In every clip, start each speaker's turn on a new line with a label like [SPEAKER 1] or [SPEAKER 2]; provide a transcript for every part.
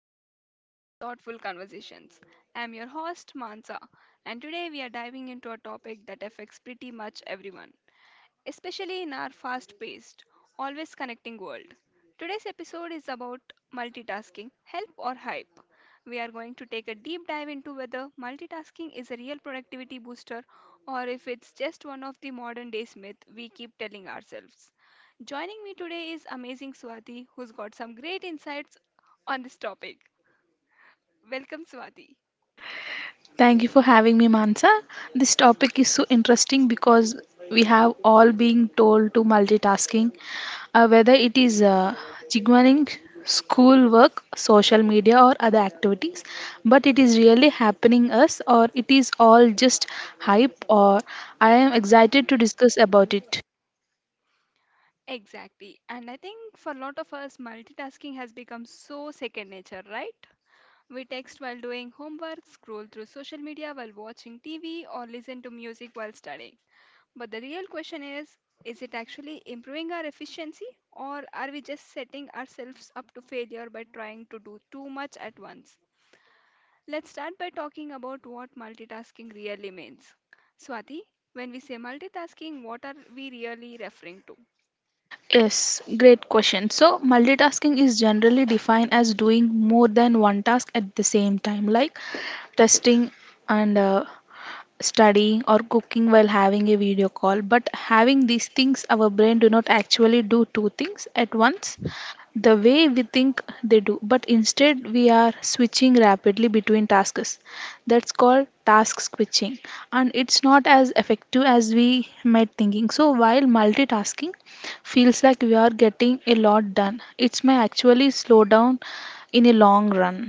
[SPEAKER 1] another episode of Thoughtful Conversations. I'm your host Mansa, and today we are diving into a topic that affects pretty much everyone especially in our fast paced, always connecting world. Today's episode is about multitasking, help or hype. We are going to take a deep dive into whether multitasking is a real productivity booster or if it's just one of the modern day myths we keep telling ourselves. Joining me today is amazing Swati, who's got some great insights on this topic. Welcome, Swati.
[SPEAKER 2] Thank you for having me, Mansa. This topic is so interesting because we have all been told to multitasking, whether it is jigwaning, school work, social media, or other activities. But it is really happening us, or it is all just hype. Or I am excited to discuss about it.
[SPEAKER 1] Exactly. And I think for a lot of us, multitasking has become so second nature, right? We text while doing homework, scroll through social media while watching TV, or listen to music while studying. But the real question is it actually improving our efficiency, or are we just setting ourselves up to failure by trying to do too much at once? Let's start by talking about what multitasking really means. Swati, when we say multitasking, what are we really referring to?
[SPEAKER 2] Yes, great question. So, multitasking is generally defined as doing more than one task at the same time, like testing and studying or cooking while having a video call, but having these things, our brain do not actually do two things at once the way we think they do, but instead we are switching rapidly between tasks. That's called task switching, and it's not as effective as we might thinking. So while multitasking feels like we are getting a lot done, it's may actually slow down in a long run.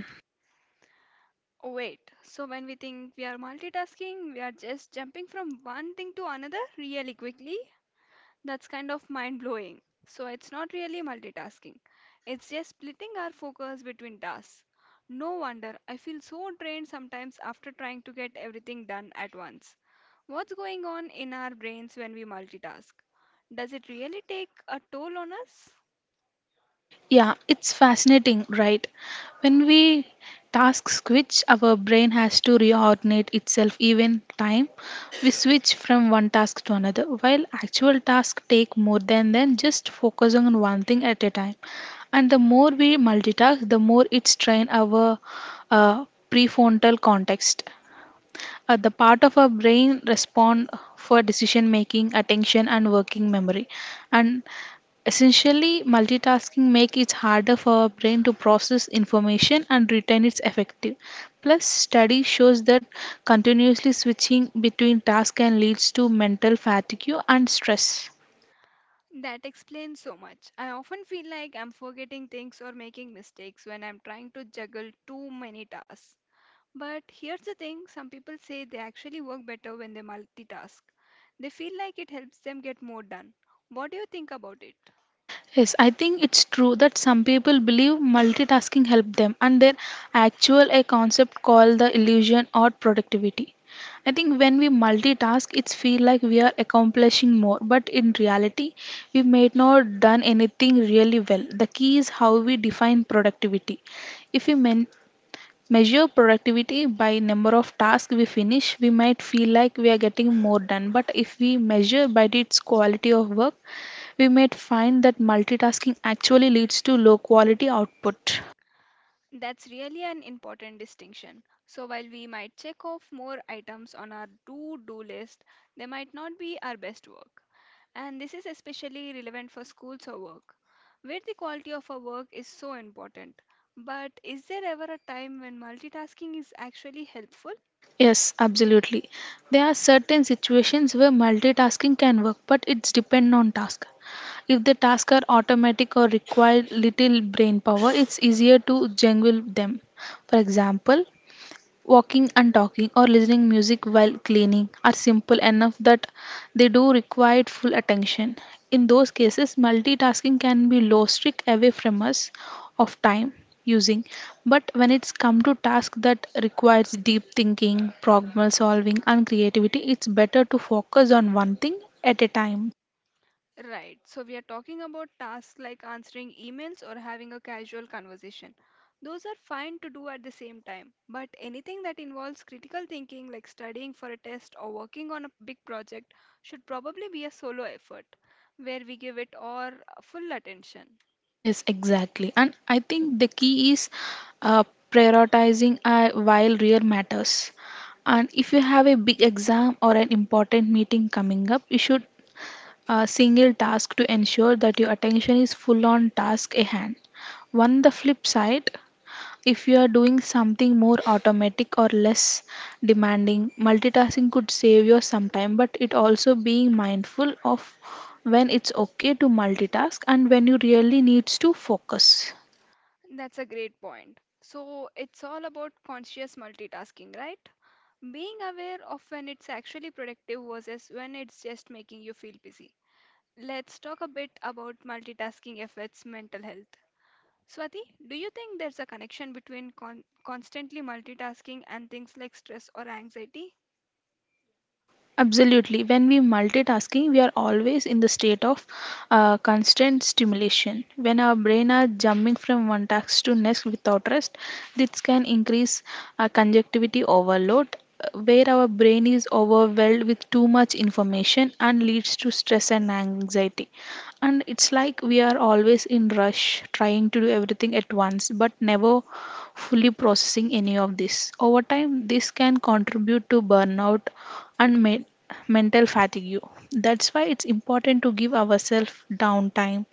[SPEAKER 1] Oh, wait, so when we think we are multitasking, we are just jumping from one thing to another really quickly. That's kind of mind blowing. So it's not really multitasking, it's just splitting our focus between tasks. No wonder I feel so drained sometimes after trying to get everything done at once. What's going on in our brains when we multitask? Does it really take a toll on us?
[SPEAKER 2] Yeah, it's fascinating, right? When we task switch, our brain has to reordinate itself even time. We switch from one task to another, while actual tasks take more than then just focusing on one thing at a time. And the more we multitask, the more it strain our uh, prefrontal context. The part of our brain respond for decision making, attention, and working memory. And essentially, multitasking makes it harder for our brain to process information and retain its effective. Plus, study shows that continuously switching between tasks can leads to mental fatigue and stress.
[SPEAKER 1] That explains so much. I often feel like I'm forgetting things or making mistakes when I'm trying to juggle too many tasks. But here's the thing, some people say they actually work better when they multitask. They feel like it helps them get more done. What do you think about it?
[SPEAKER 2] Yes, I think it's true that some people believe multitasking help them, and there actual a concept called the illusion or productivity. I think when we multitask it's feel like we are accomplishing more, but in reality we may not done anything really well. The key is how we define productivity. If we measure productivity by number of tasks we finish, we might feel like we are getting more done, but if we measure by its quality of work, we might find that multitasking actually leads to low quality output.
[SPEAKER 1] That's really an important distinction. So, while we might check off more items on our to do list, they might not be our best work. And this is especially relevant for schools or work, where the quality of our work is so important. But is there ever a time when multitasking is actually helpful?
[SPEAKER 2] Yes, absolutely. There are certain situations where multitasking can work, but it's depend on task. If the tasks are automatic or require little brain power, it's easier to juggle them. For example, walking and talking or listening music while cleaning are simple enough that they do require full attention. In those cases, multitasking can be low streak away from us of time using. But when it's come to tasks that requires deep thinking, problem solving and creativity, it's better to focus on one thing at a time.
[SPEAKER 1] Right, so we are talking about tasks like answering emails or having a casual conversation. Those are fine to do at the same time, but anything that involves critical thinking, like studying for a test or working on a big project, should probably be a solo effort where we give it our full attention.
[SPEAKER 2] Yes, exactly. And I think the key is uh, prioritizing while real matters. And if you have a big exam or an important meeting coming up, you should single task to ensure that your attention is full on task at hand. On the flip side, if you are doing something more automatic or less demanding, multitasking could save you some time, but it also being mindful of when it's okay to multitask and when you really needs to focus.
[SPEAKER 1] That's a great point. So it's all about conscious multitasking, right? Being aware of when it's actually productive versus when it's just making you feel busy. Let's talk a bit about multitasking affects mental health. Swati, do you think there's a connection between constantly multitasking and things like stress or anxiety?
[SPEAKER 2] Absolutely. When we multitasking, we are always in the state of constant stimulation. When our brain are jumping from one task to next without rest, this can increase conjunctivity overload, where our brain is overwhelmed with too much information and leads to stress and anxiety. And it's like we are always in rush, trying to do everything at once, but never fully processing any of this. Over time, this can contribute to burnout and mental fatigue. That's why it's important to give ourselves downtime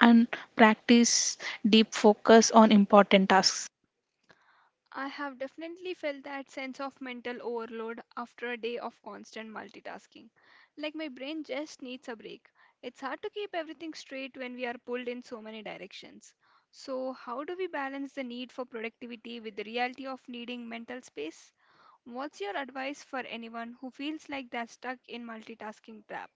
[SPEAKER 2] and practice deep focus on important tasks.
[SPEAKER 1] I have definitely felt that sense of mental overload after a day of constant multitasking. Like my brain just needs a break. It's hard to keep everything straight when we are pulled in so many directions. So, how do we balance the need for productivity with the reality of needing mental space? What's your advice for anyone who feels like they're stuck in multitasking trap?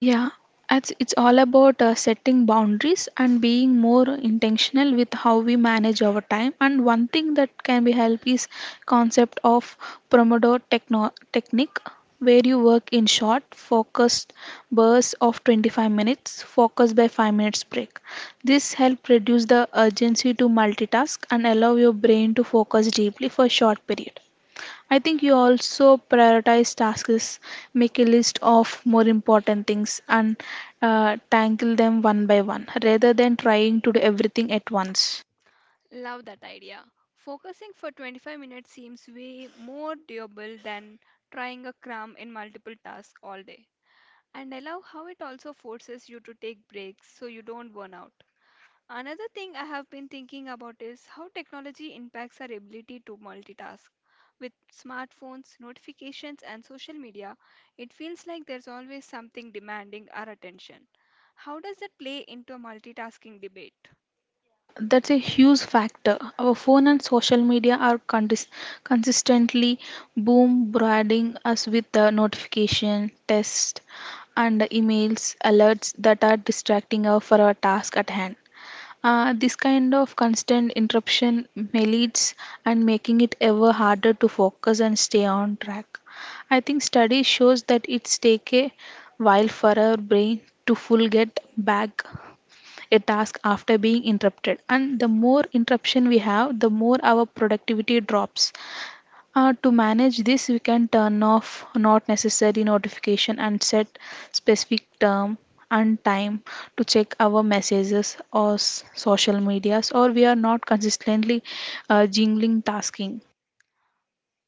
[SPEAKER 2] Yeah, it's all about setting boundaries and being more intentional with how we manage our time. And one thing that can be help is concept of Pomodoro technique, where you work in short, focused bursts of 25 minutes, focused by 5 minutes break. This help reduce the urgency to multitask and allow your brain to focus deeply for a short period. I think you also prioritize tasks, make a list of more important things, and tackle them one by one rather than trying to do everything at once.
[SPEAKER 1] Love that idea. Focusing for 25 minutes seems way more doable than trying a cram in multiple tasks all day. And I love how it also forces you to take breaks so you don't burn out. Another thing I have been thinking about is how technology impacts our ability to multitask. With smartphones, notifications, and social media, it feels like there's always something demanding our attention. How does that play into a multitasking debate?
[SPEAKER 2] Yeah, that's a huge factor. Our phone and social media are consistently bombarding us with the notification, text, and emails, alerts that are distracting us for our task at hand. This kind of constant interruption may leads and making it ever harder to focus and stay on track. I think study shows that it's take a while for our brain to full get back a task after being interrupted, and the more interruption we have, the more our productivity drops. To manage this, we can turn off not necessary notification and set specific term and time to check our messages or social medias, or we are not consistently jingling tasking.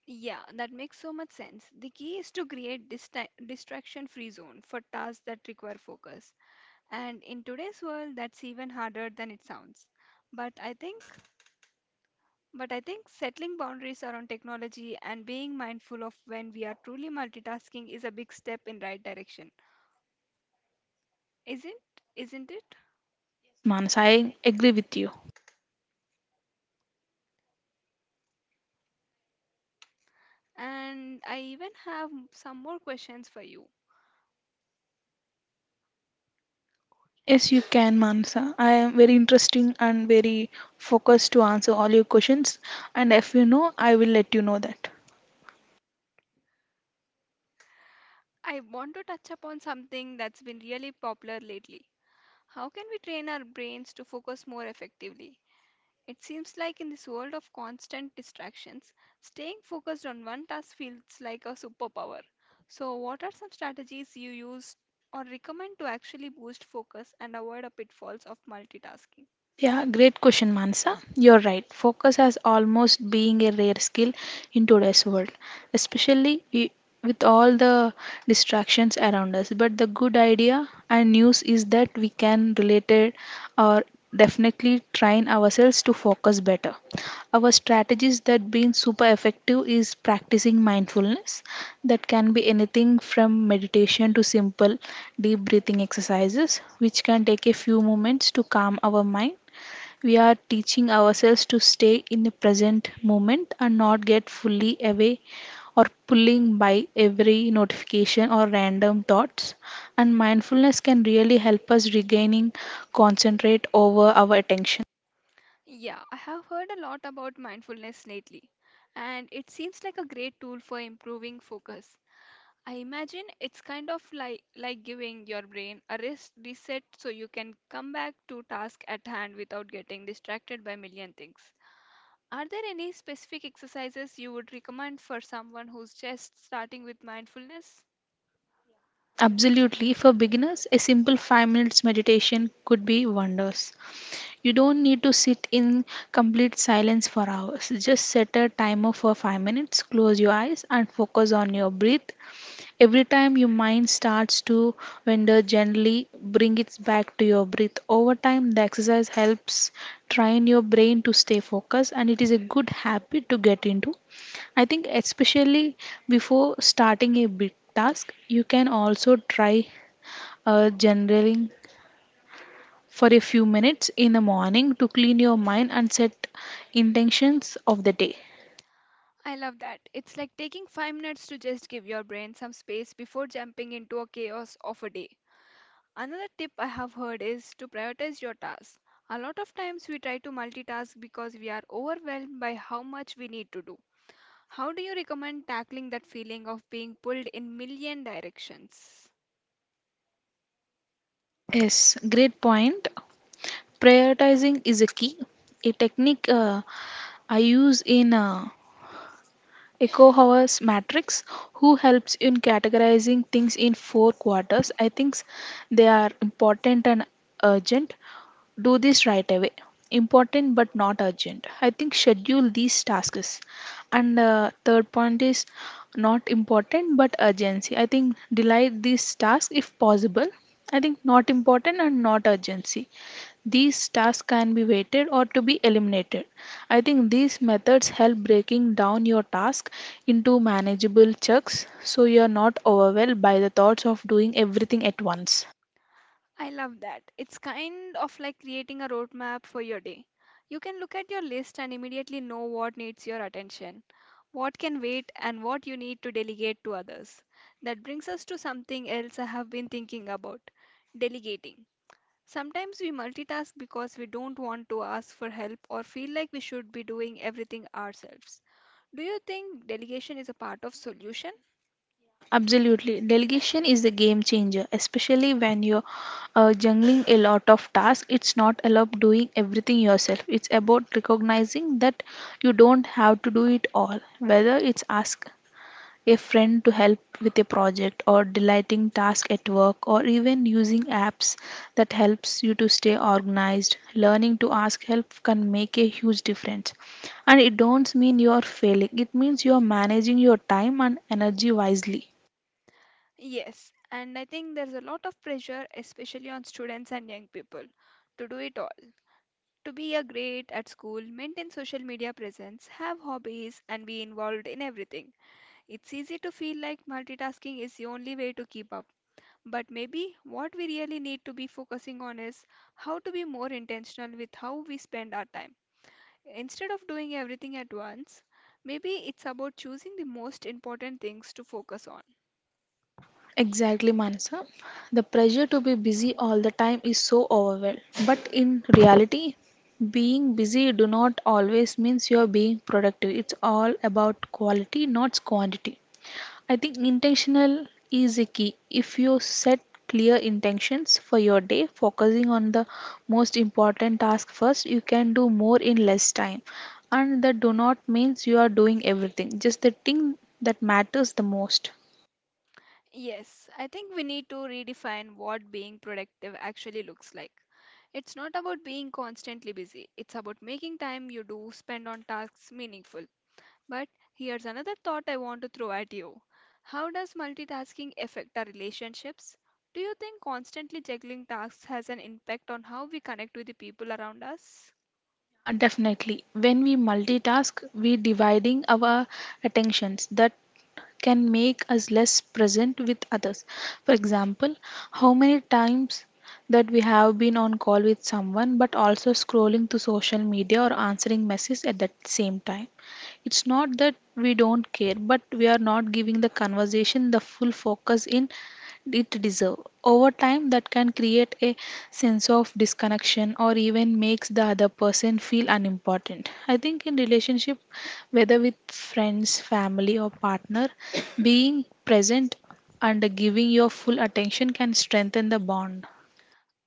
[SPEAKER 1] Yeah, that makes so much sense. The key is to create distraction-free zone for tasks that require focus. And in today's world, that's even harder than it sounds. But I think But I think settling boundaries around technology and being mindful of when we are truly multitasking is a big step in right direction. Isn't it?
[SPEAKER 2] Yes, Mansa, I agree with you.
[SPEAKER 1] And I even have some more questions for you.
[SPEAKER 2] Yes, you can, Mansa. I am very interesting and very focused to answer all your questions. And if you know, I will let you know that.
[SPEAKER 1] I want to touch upon something that's been really popular lately. How can we train our brains to focus more effectively? It seems like in this world of constant distractions, staying focused on one task feels like a superpower. So, what are some strategies you use or recommend to actually boost focus and avoid the pitfalls of multitasking?
[SPEAKER 2] Yeah, great question, Mansa. You're right. Focus has almost being a rare skill in today's world, especially i- with all the distractions around us. But the good idea and news is that we can relate it or definitely train ourselves to focus better. Our strategies that been super effective is practicing mindfulness. That can be anything from meditation to simple deep breathing exercises, which can take a few moments to calm our mind. We are teaching ourselves to stay in the present moment and not get fully away or pulling by every notification or random thoughts, and mindfulness can really help us regaining concentrate over our attention.
[SPEAKER 1] Yeah, I have heard a lot about mindfulness lately, and it seems like a great tool for improving focus. I imagine it's kind of like giving your brain a rest reset so you can come back to task at hand without getting distracted by a million things. Are there any specific exercises you would recommend for someone who's just starting with mindfulness?
[SPEAKER 2] Absolutely. For beginners, a simple 5 minutes meditation could be wonders. You don't need to sit in complete silence for hours. Just set a timer for 5 minutes, close your eyes, and focus on your breath. Every time your mind starts to wander gently, bring it back to your breath. Over time, the exercise helps train your brain to stay focused, and it is a good habit to get into. I think, especially before starting a big task, you can also try journaling for a few minutes in the morning to clean your mind and set intentions of the day.
[SPEAKER 1] I love that. It's like taking five minutes to just give your brain some space before jumping into a chaos of a day. Another tip I have heard is to prioritize your tasks. A lot of times we try to multitask because we are overwhelmed by how much we need to do. How do you recommend tackling that feeling of being pulled in million directions?
[SPEAKER 2] Yes, great point. Prioritizing is a key. A technique I use in Echo Matrix, who helps in categorizing things in four quarters. I think they are important and urgent, do this right away. Important but not urgent, I think schedule these tasks. And third point is not important but urgency, I think delay these tasks if possible. I think not important and not urgency, these tasks can be weighted or to be eliminated. I think these methods help breaking down your task into manageable chunks, so you are not overwhelmed by the thoughts of doing everything at once.
[SPEAKER 1] I love that. It's kind of like creating a roadmap for your day. You can look at your list and immediately know what needs your attention, what can wait, and what you need to delegate to others. That brings us to something else I have been thinking about, delegating. Sometimes we multitask because we don't want to ask for help or feel like we should be doing everything ourselves. Do you think delegation is a part of solution?
[SPEAKER 2] Yeah, absolutely. Delegation is a game changer, especially when you're juggling a lot of tasks. It's not about doing everything yourself, it's about recognizing that you don't have to do it all. Whether it's ask a friend to help with a project or delegating task at work, or even using apps that helps you to stay organized, learning to ask help can make a huge difference. And it don't mean you are failing, it means you are managing your time and energy wisely.
[SPEAKER 1] Yes, and I think there's a lot of pressure, especially on students and young people, to do it all. To be a great at school, maintain social media presence, have hobbies, and be involved in everything. It's easy to feel like multitasking is the only way to keep up. But maybe what we really need to be focusing on is how to be more intentional with how we spend our time. Instead of doing everything at once, maybe it's about choosing the most important things to focus on.
[SPEAKER 2] Exactly, Manasa. The pressure to be busy all the time is so overwhelming. But in reality, being busy do not always means you are being productive. It's all about quality, not quantity. I think intentional is a key. If you set clear intentions for your day, focusing on the most important task first, you can do more in less time. And that do not means you are doing everything, just the thing that matters the most.
[SPEAKER 1] Yes, I think we need to redefine what being productive actually looks like. It's not about being constantly busy, it's about making time you do spend on tasks meaningful. But here's another thought I want to throw at you. How does multitasking affect our relationships? Do you think constantly juggling tasks has an impact on how we connect with the people around us?
[SPEAKER 2] Yeah, definitely. When we multitask, we dividing our attentions that can make us less present with others. For example, how many times that we have been on call with someone but also scrolling to social media or answering messages at that same time. It's not that we don't care, but we are not giving the conversation the full focus in it deserves. Over time, that can create a sense of disconnection or even makes the other person feel unimportant. I think in relationship, whether with friends, family, or partner, being present and giving your full attention can strengthen the bond.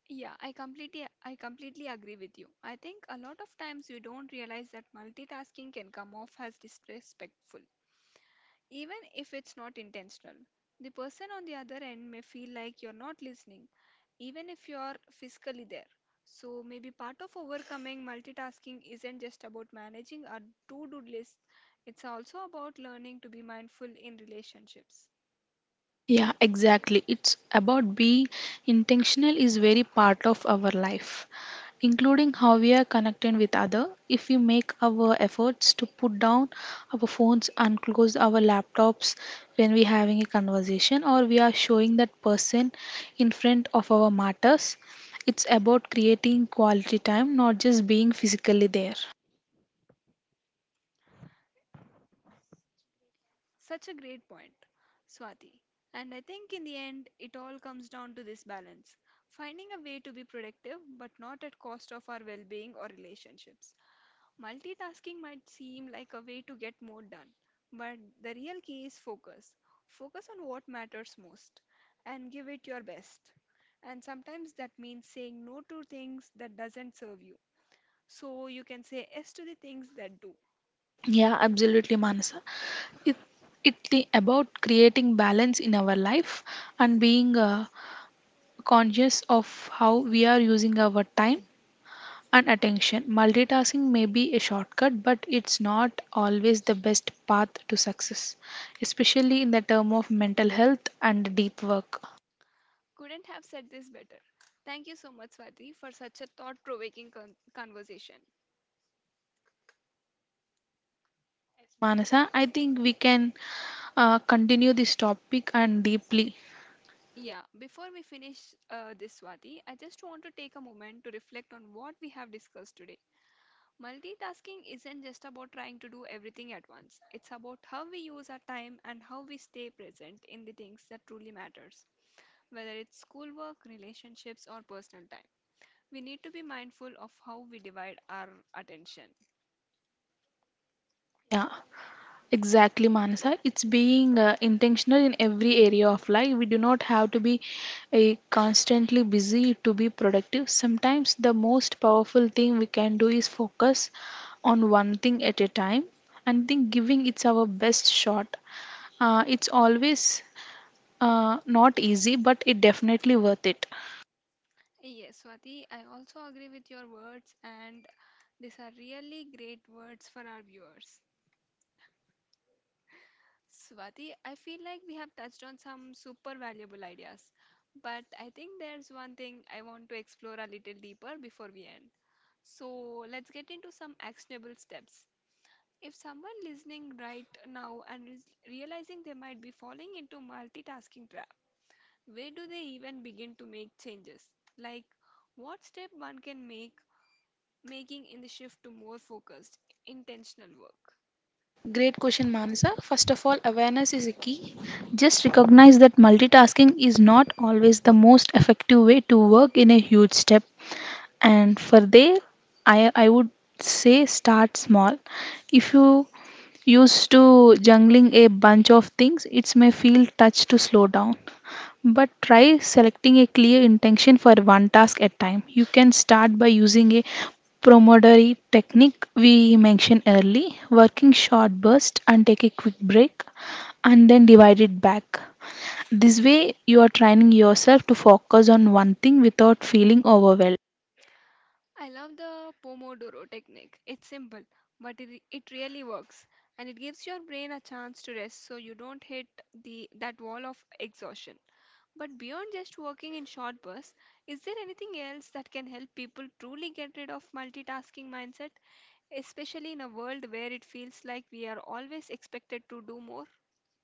[SPEAKER 1] Yeah, I completely agree with you. I think a lot of times we don't realize that multitasking can come off as disrespectful. Even if it's not intentional, the person on the other end may feel like you're not listening, even if you're physically there. So, maybe part of overcoming multitasking isn't just about managing a to do list, it's also about learning to be mindful in relationships.
[SPEAKER 2] Yeah, exactly. It's about being intentional is very part of our life, including how we are connected with other. If we make our efforts to put down our phones and close our laptops when we're having a conversation, or we are showing that person in front of our matters, it's about creating quality time, not just being physically there.
[SPEAKER 1] Such a great point, Swati. And I think in the end, it all comes down to this balance, finding a way to be productive but not at cost of our well being or relationships. Multitasking might seem like a way to get more done, but the real key is focus. Focus on what matters most and give it your best. And sometimes that means saying no to things that doesn't serve you. So you can say yes to the things that do.
[SPEAKER 2] Yeah, absolutely, Manasa. It about creating balance in our life and being conscious of how we are using our time and attention. Multitasking may be a shortcut, but it's not always the best path to success, especially in the term of mental health and deep work.
[SPEAKER 1] Couldn't have said this better. Thank you so much, Swati, for such a thought-provoking conversation.
[SPEAKER 2] Yes, Manasa, I think we can continue this topic and deeply.
[SPEAKER 1] Yeah, before we finish this, Swati, I just want to take a moment to reflect on what we have discussed today. Multitasking isn't just about trying to do everything at once. It's about how we use our time and how we stay present in the things that truly matters, whether it's schoolwork, relationships or personal time. We need to be mindful of how we divide our attention.
[SPEAKER 2] Yeah. Exactly, Manasa. It's being intentional in every area of life. We do not have to be a constantly busy to be productive. Sometimes the most powerful thing we can do is focus on one thing at a time and think giving it's our best shot. It's always not easy, but it definitely worth it.
[SPEAKER 1] Yes, Swati, I also agree with your words and these are really great words for our viewers. Swati, I feel like we have touched on some super valuable ideas, but I think there's one thing I want to explore a little deeper before we end. So let's get into some actionable steps. If someone listening right now and is realizing they might be falling into multitasking trap, where do they even begin to make changes? Like what step one can make making in the shift to more focused, intentional work.
[SPEAKER 2] Great question, Manasa. First of all, awareness is a key. Just recognize that multitasking is not always the most effective way to work in a huge step. And for there, I would say start small. If you used to jungling a bunch of things, it may feel touch to slow down. But try selecting a clear intention for one task at time. You can start by using a Pomodoro technique we mentioned early, working short burst and take a quick break and then divide it back. This way you are training yourself to focus on one thing without feeling overwhelmed.
[SPEAKER 1] I love the Pomodoro technique. It's simple, but it really works and it gives your brain a chance to rest so you don't hit the that wall of exhaustion. But beyond just working in short bursts, is there anything else that can help people truly get rid of multitasking mindset, especially in a world where it feels like we are always expected to do more?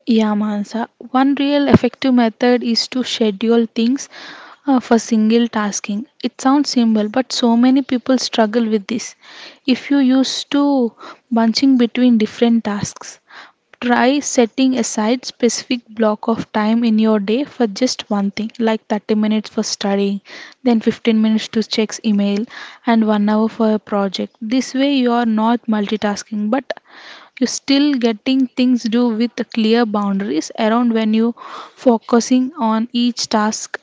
[SPEAKER 2] Yeah, Mansa. One real effective method is to schedule things for single tasking. It sounds simple, but so many people struggle with this. If you used to bunching between different tasks, try setting aside specific block of time in your day for just one thing, like 30 minutes for studying, then 15 minutes to check email, and 1 hour for a project. This way you are not multitasking, but you still getting things do with clear boundaries around when you focusing on each task.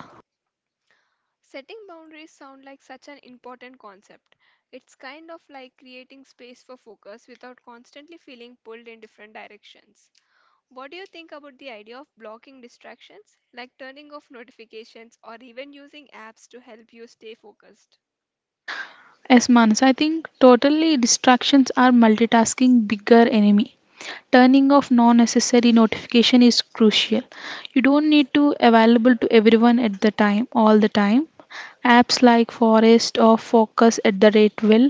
[SPEAKER 1] Setting boundaries sound like such an important concept. It's kind of like creating space for focus without constantly feeling pulled in different directions. What do you think about the idea of blocking distractions, like turning off notifications or even using apps to help you stay focused?
[SPEAKER 2] As Manas, I think totally distractions are multitasking bigger enemy. Turning off non necessary notification is crucial. You don't need to available to everyone at the time all the time. Apps like Forest or Focus at the Rate will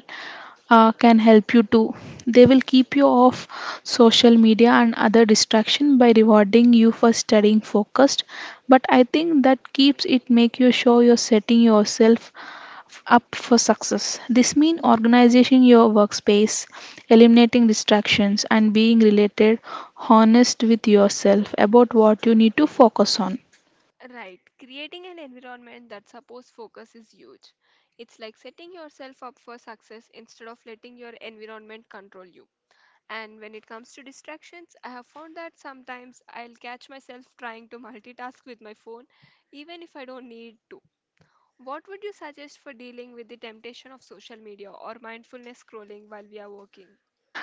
[SPEAKER 2] can help you too. They will keep you off social media and other distraction by rewarding you for staying focused. But I think that keeps it make you sure you're setting yourself up for success. This means organization your workspace, eliminating distractions, and being related honest with yourself about what you need to focus on.
[SPEAKER 1] Right. Creating an environment that supports focus is huge. It's like setting yourself up for success instead of letting your environment control you. And when it comes to distractions, I have found that sometimes I'll catch myself trying to multitask with my phone, even if I don't need to. What would you suggest for dealing with the temptation of social media or mindfulness scrolling while we are working?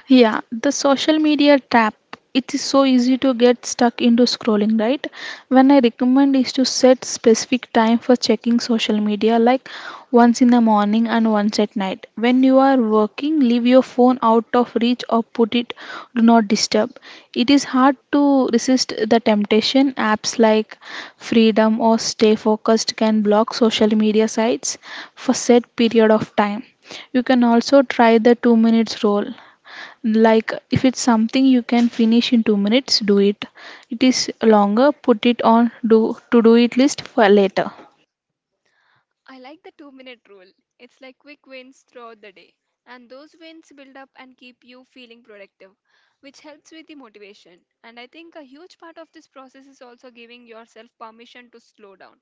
[SPEAKER 2] Yeah, the social media trap. It is so easy to get stuck into scrolling, right? When I recommend is to set specific time for checking social media, like once in the morning and once at night. When you are working, leave your phone out of reach or put it do not disturb. It is hard to resist the temptation. Apps like Freedom or Stay Focused can block social media sites for set period of time. You can also try the 2 minutes rule, like if it's something you can finish in 2 minutes, do it. It is longer, put it on do to do it list for later.
[SPEAKER 1] I like the 2-minute rule. It's like quick wins throughout the day. And those wins build up and keep you feeling productive, which helps with the motivation. And I think a huge part of this process is also giving yourself permission to slow down.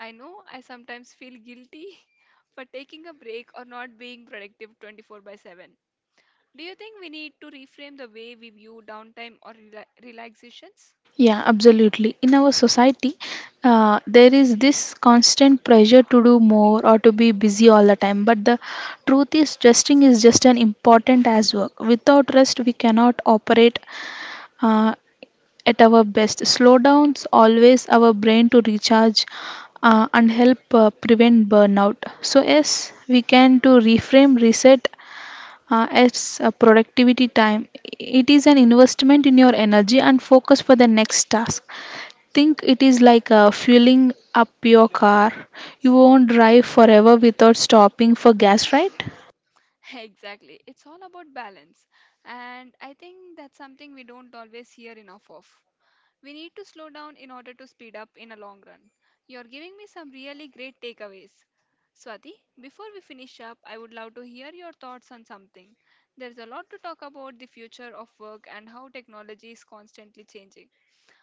[SPEAKER 1] I know I sometimes feel guilty for taking a break or not being productive 24 by 7. Do you think we need to reframe the way we view downtime or relaxations?
[SPEAKER 2] Yeah, absolutely. In our society, there is this constant pressure to do more or to be busy all the time. But the truth is resting is just an important as work. Without rest we cannot operate uh, at our best. Slowdowns always our brain to recharge and help prevent burnout. So yes, we can to reframe reset as a productivity time. It is an investment in your energy and focus for the next task. Think it is like fueling up your car. You won't drive forever without stopping for gas, right?
[SPEAKER 1] Exactly. It's all about balance. And I think that's something we don't always hear enough of. We need to slow down in order to speed up in a long run. You're giving me some really great takeaways. Swati, before we finish up, I would love to hear your thoughts on something. There's a lot to talk about the future of work and how technology is constantly changing.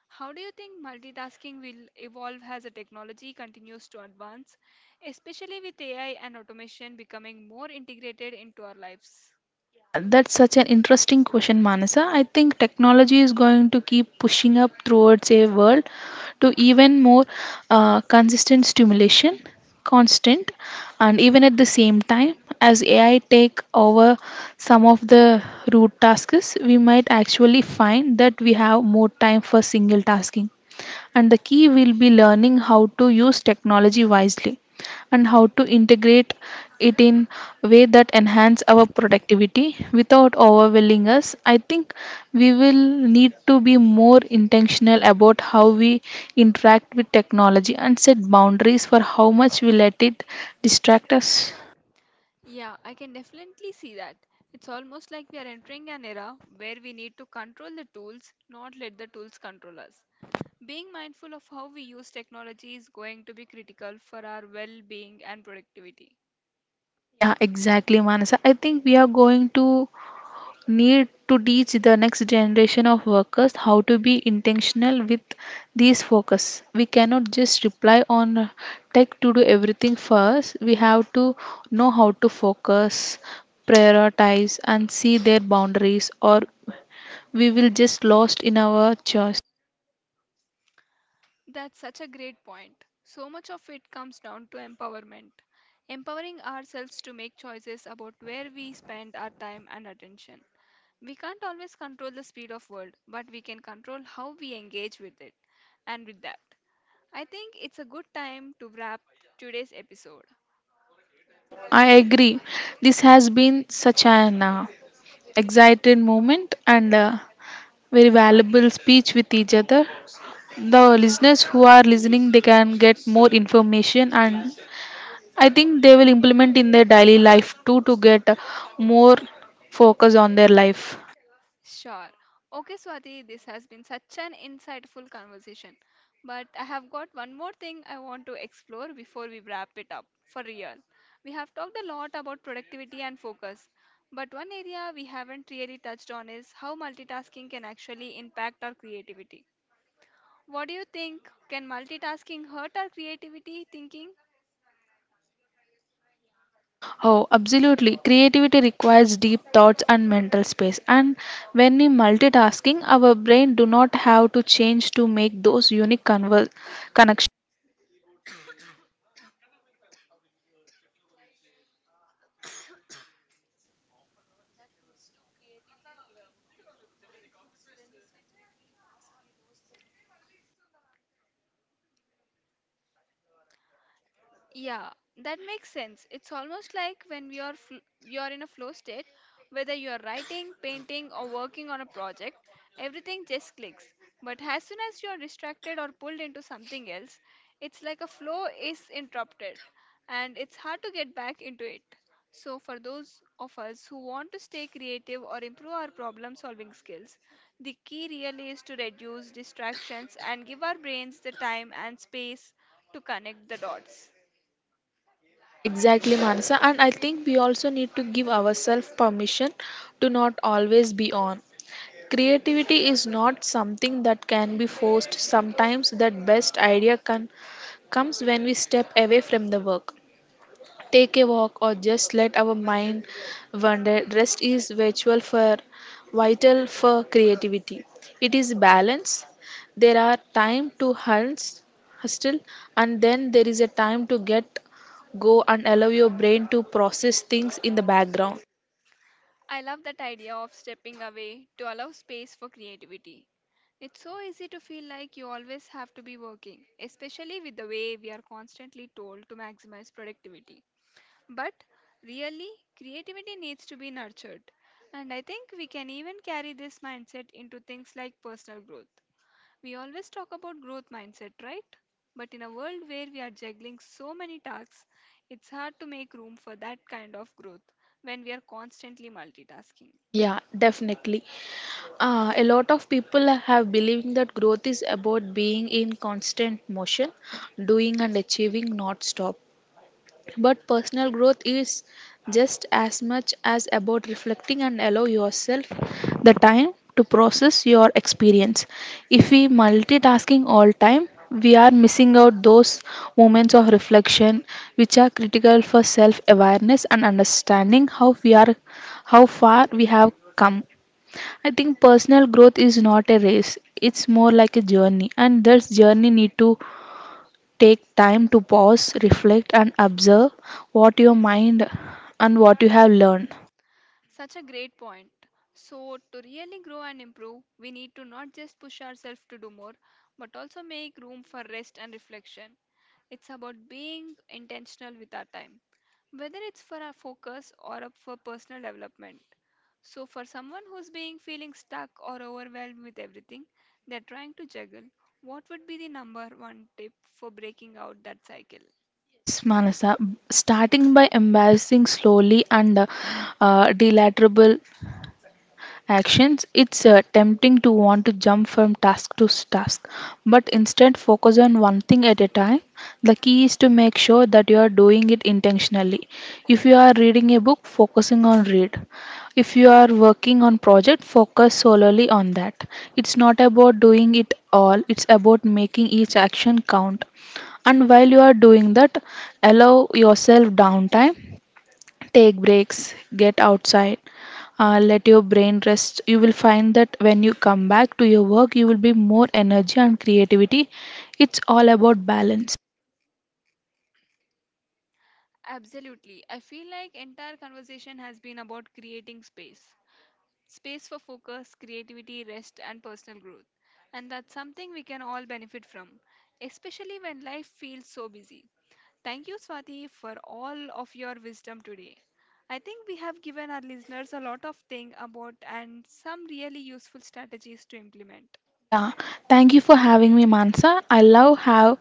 [SPEAKER 1] How do you think multitasking will evolve as the technology continues to advance, especially with AI and automation becoming more integrated into our lives?
[SPEAKER 2] Yeah, that's such an interesting question, Manasa. I think technology is going to keep pushing up towards a world to even more consistent stimulation, constant, and even at the same time, as AI take over some of the root tasks, we might actually find that we have more time for single tasking. And the key will be learning how to use technology wisely and how to integrate it in a way that enhance our productivity without overwhelming us. I think we will need to be more intentional about how we interact with technology and set boundaries for how much we let it distract us.
[SPEAKER 1] Yeah, I can definitely see that. It's almost like we are entering an era where we need to control the tools, not let the tools control us. Being mindful of how we use technology is going to be critical for our well being and productivity.
[SPEAKER 2] Yeah, exactly, Manasa. I think we are going to need to teach the next generation of workers how to be intentional with these focus. We cannot just rely on tech to do everything for us. We have to know how to focus, prioritize, and see their boundaries, or we will just lost in our choice.
[SPEAKER 1] That's such a great point. So much of it comes down to empowerment. Empowering ourselves to make choices about where we spend our time and attention. We can't always control the speed of world, but we can control how we engage with it. And with that, I think it's a good time to wrap today's episode.
[SPEAKER 2] Yeah, I agree. This has been such an exciting moment and very valuable speech with each other. The listeners who are listening, they can get more information, and I think they will implement in their daily life too to get more focus on their life.
[SPEAKER 1] Sure. Okay, Swati, this has been such an insightful conversation. But I have got one more thing I want to explore before we wrap it up for real. We have talked a lot about productivity and focus, but one area we haven't really touched on is how multitasking can actually impact our creativity. What do you think? Can multitasking hurt our creativity thinking?
[SPEAKER 2] Oh, absolutely. Creativity requires deep thoughts and mental space. And when we multitasking, our brain do not have to change to make those unique connections.
[SPEAKER 1] Yeah, that makes sense. It's almost like when we are you are in a flow state, whether you are writing, painting, or working on a project, everything just clicks. But as soon as you are distracted or pulled into something else, it's like a flow is interrupted, and it's hard to get back into it. So for those of us who want to stay creative or improve our problem-solving skills, the key really is to reduce distractions and give our brains the time and space to connect the dots.
[SPEAKER 2] Yeah, exactly, Manasa. And I think we also need to give ourselves permission to not always be on. Creativity is not something that can be forced. Sometimes that best idea can, comes when we step away from the work. Take a walk or just let our mind wander. Rest is virtual for vital for creativity. It is balance. There are time to hunt hustle, and then there is a time to get go and allow your brain to process things in the background.
[SPEAKER 1] I love that idea of stepping away to allow space for creativity. It's so easy to feel like you always have to be working, especially with the way we are constantly told to maximize productivity. But really, creativity needs to be nurtured. And I think we can even carry this mindset into things like personal growth. We always talk about growth mindset, right? But in a world where we are juggling so many tasks, it's hard to make room for that kind of growth when we are constantly multitasking.
[SPEAKER 2] Yeah, definitely. A lot of people have believing that growth is about being in constant motion, doing and achieving, not stop. But personal growth is just as much as about reflecting and allow yourself the time to process your experience. If we multitasking all time, we are missing out those moments of reflection, which are critical for self awareness and understanding how we are how far we have come. I think personal growth is not a race. It's more like a journey, and this journey need to take time to pause, reflect, and observe what your mind and what you have learned.
[SPEAKER 1] Such a great point. So, to really grow and improve, we need to not just push ourselves to do more, but also make room for rest and reflection. It's about being intentional with our time, whether it's for our focus or up for personal development. So for someone who's being feeling stuck or overwhelmed with everything they're trying to juggle, what would be the number one tip for breaking out that cycle?
[SPEAKER 2] Yes, Manasa. Starting by embarrassing slowly and deliverable actions, it's tempting to want to jump from task to task, but instead focus on one thing at a time. The key is to make sure that you are doing it intentionally. If you are reading a book, focusing on read. If you are working on project, focus solely on that. It's not about doing it all, it's about making each action count. And while you are doing that, allow yourself downtime. Take breaks, get outside, let your brain rest. You will find that when you come back to your work, you will be more energy and creativity. It's all about balance.
[SPEAKER 1] Absolutely. I feel like entire conversation has been about creating space. Space for focus, creativity, rest, and personal growth. And that's something we can all benefit from, especially when life feels so busy. Thank you, Swati, for all of your wisdom today. I think we have given our listeners a lot of things about and some really useful strategies to implement.
[SPEAKER 2] Yeah, thank you for having me, Mansa. I love how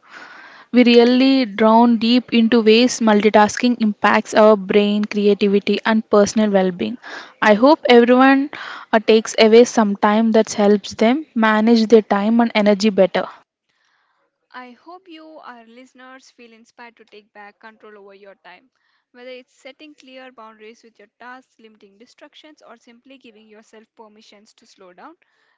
[SPEAKER 2] we really drown deep into ways multitasking impacts our brain, creativity, and personal well being. I hope everyone takes away some time that helps them manage their time and energy better.
[SPEAKER 1] I hope you, our listeners, feel inspired to take back control over your time. Whether it's setting clear boundaries with your tasks, limiting distractions, or simply giving yourself permissions to slow down,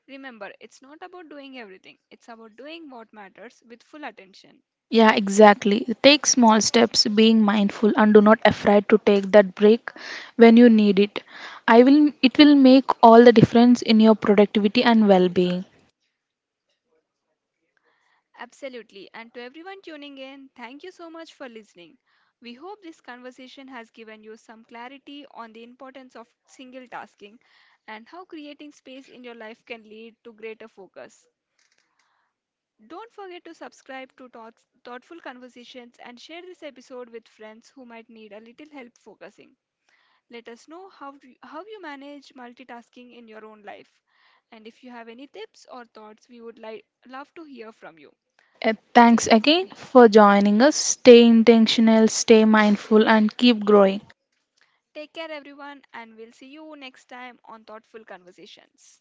[SPEAKER 1] remember it's not about doing everything, it's about doing what matters with full attention.
[SPEAKER 2] Yeah, exactly. Take small steps, being mindful, and do not afraid to take that break when you need it. I will. It will make all the difference in your productivity and well-being.
[SPEAKER 1] Absolutely. And to everyone tuning in, thank you so much for listening. We hope this conversation has given you some clarity on the importance of single tasking and how creating space in your life can lead to greater focus. Don't forget to subscribe to Thoughts, Thoughtful Conversations and share this episode with friends who might need a little help focusing. Let us know how how you manage multitasking in your own life. And if you have any tips or thoughts, we would love to hear from you.
[SPEAKER 2] Thanks again for joining us. Stay intentional, stay mindful, and keep growing.
[SPEAKER 1] Take care, everyone, and we'll see you next time on Thoughtful Conversations.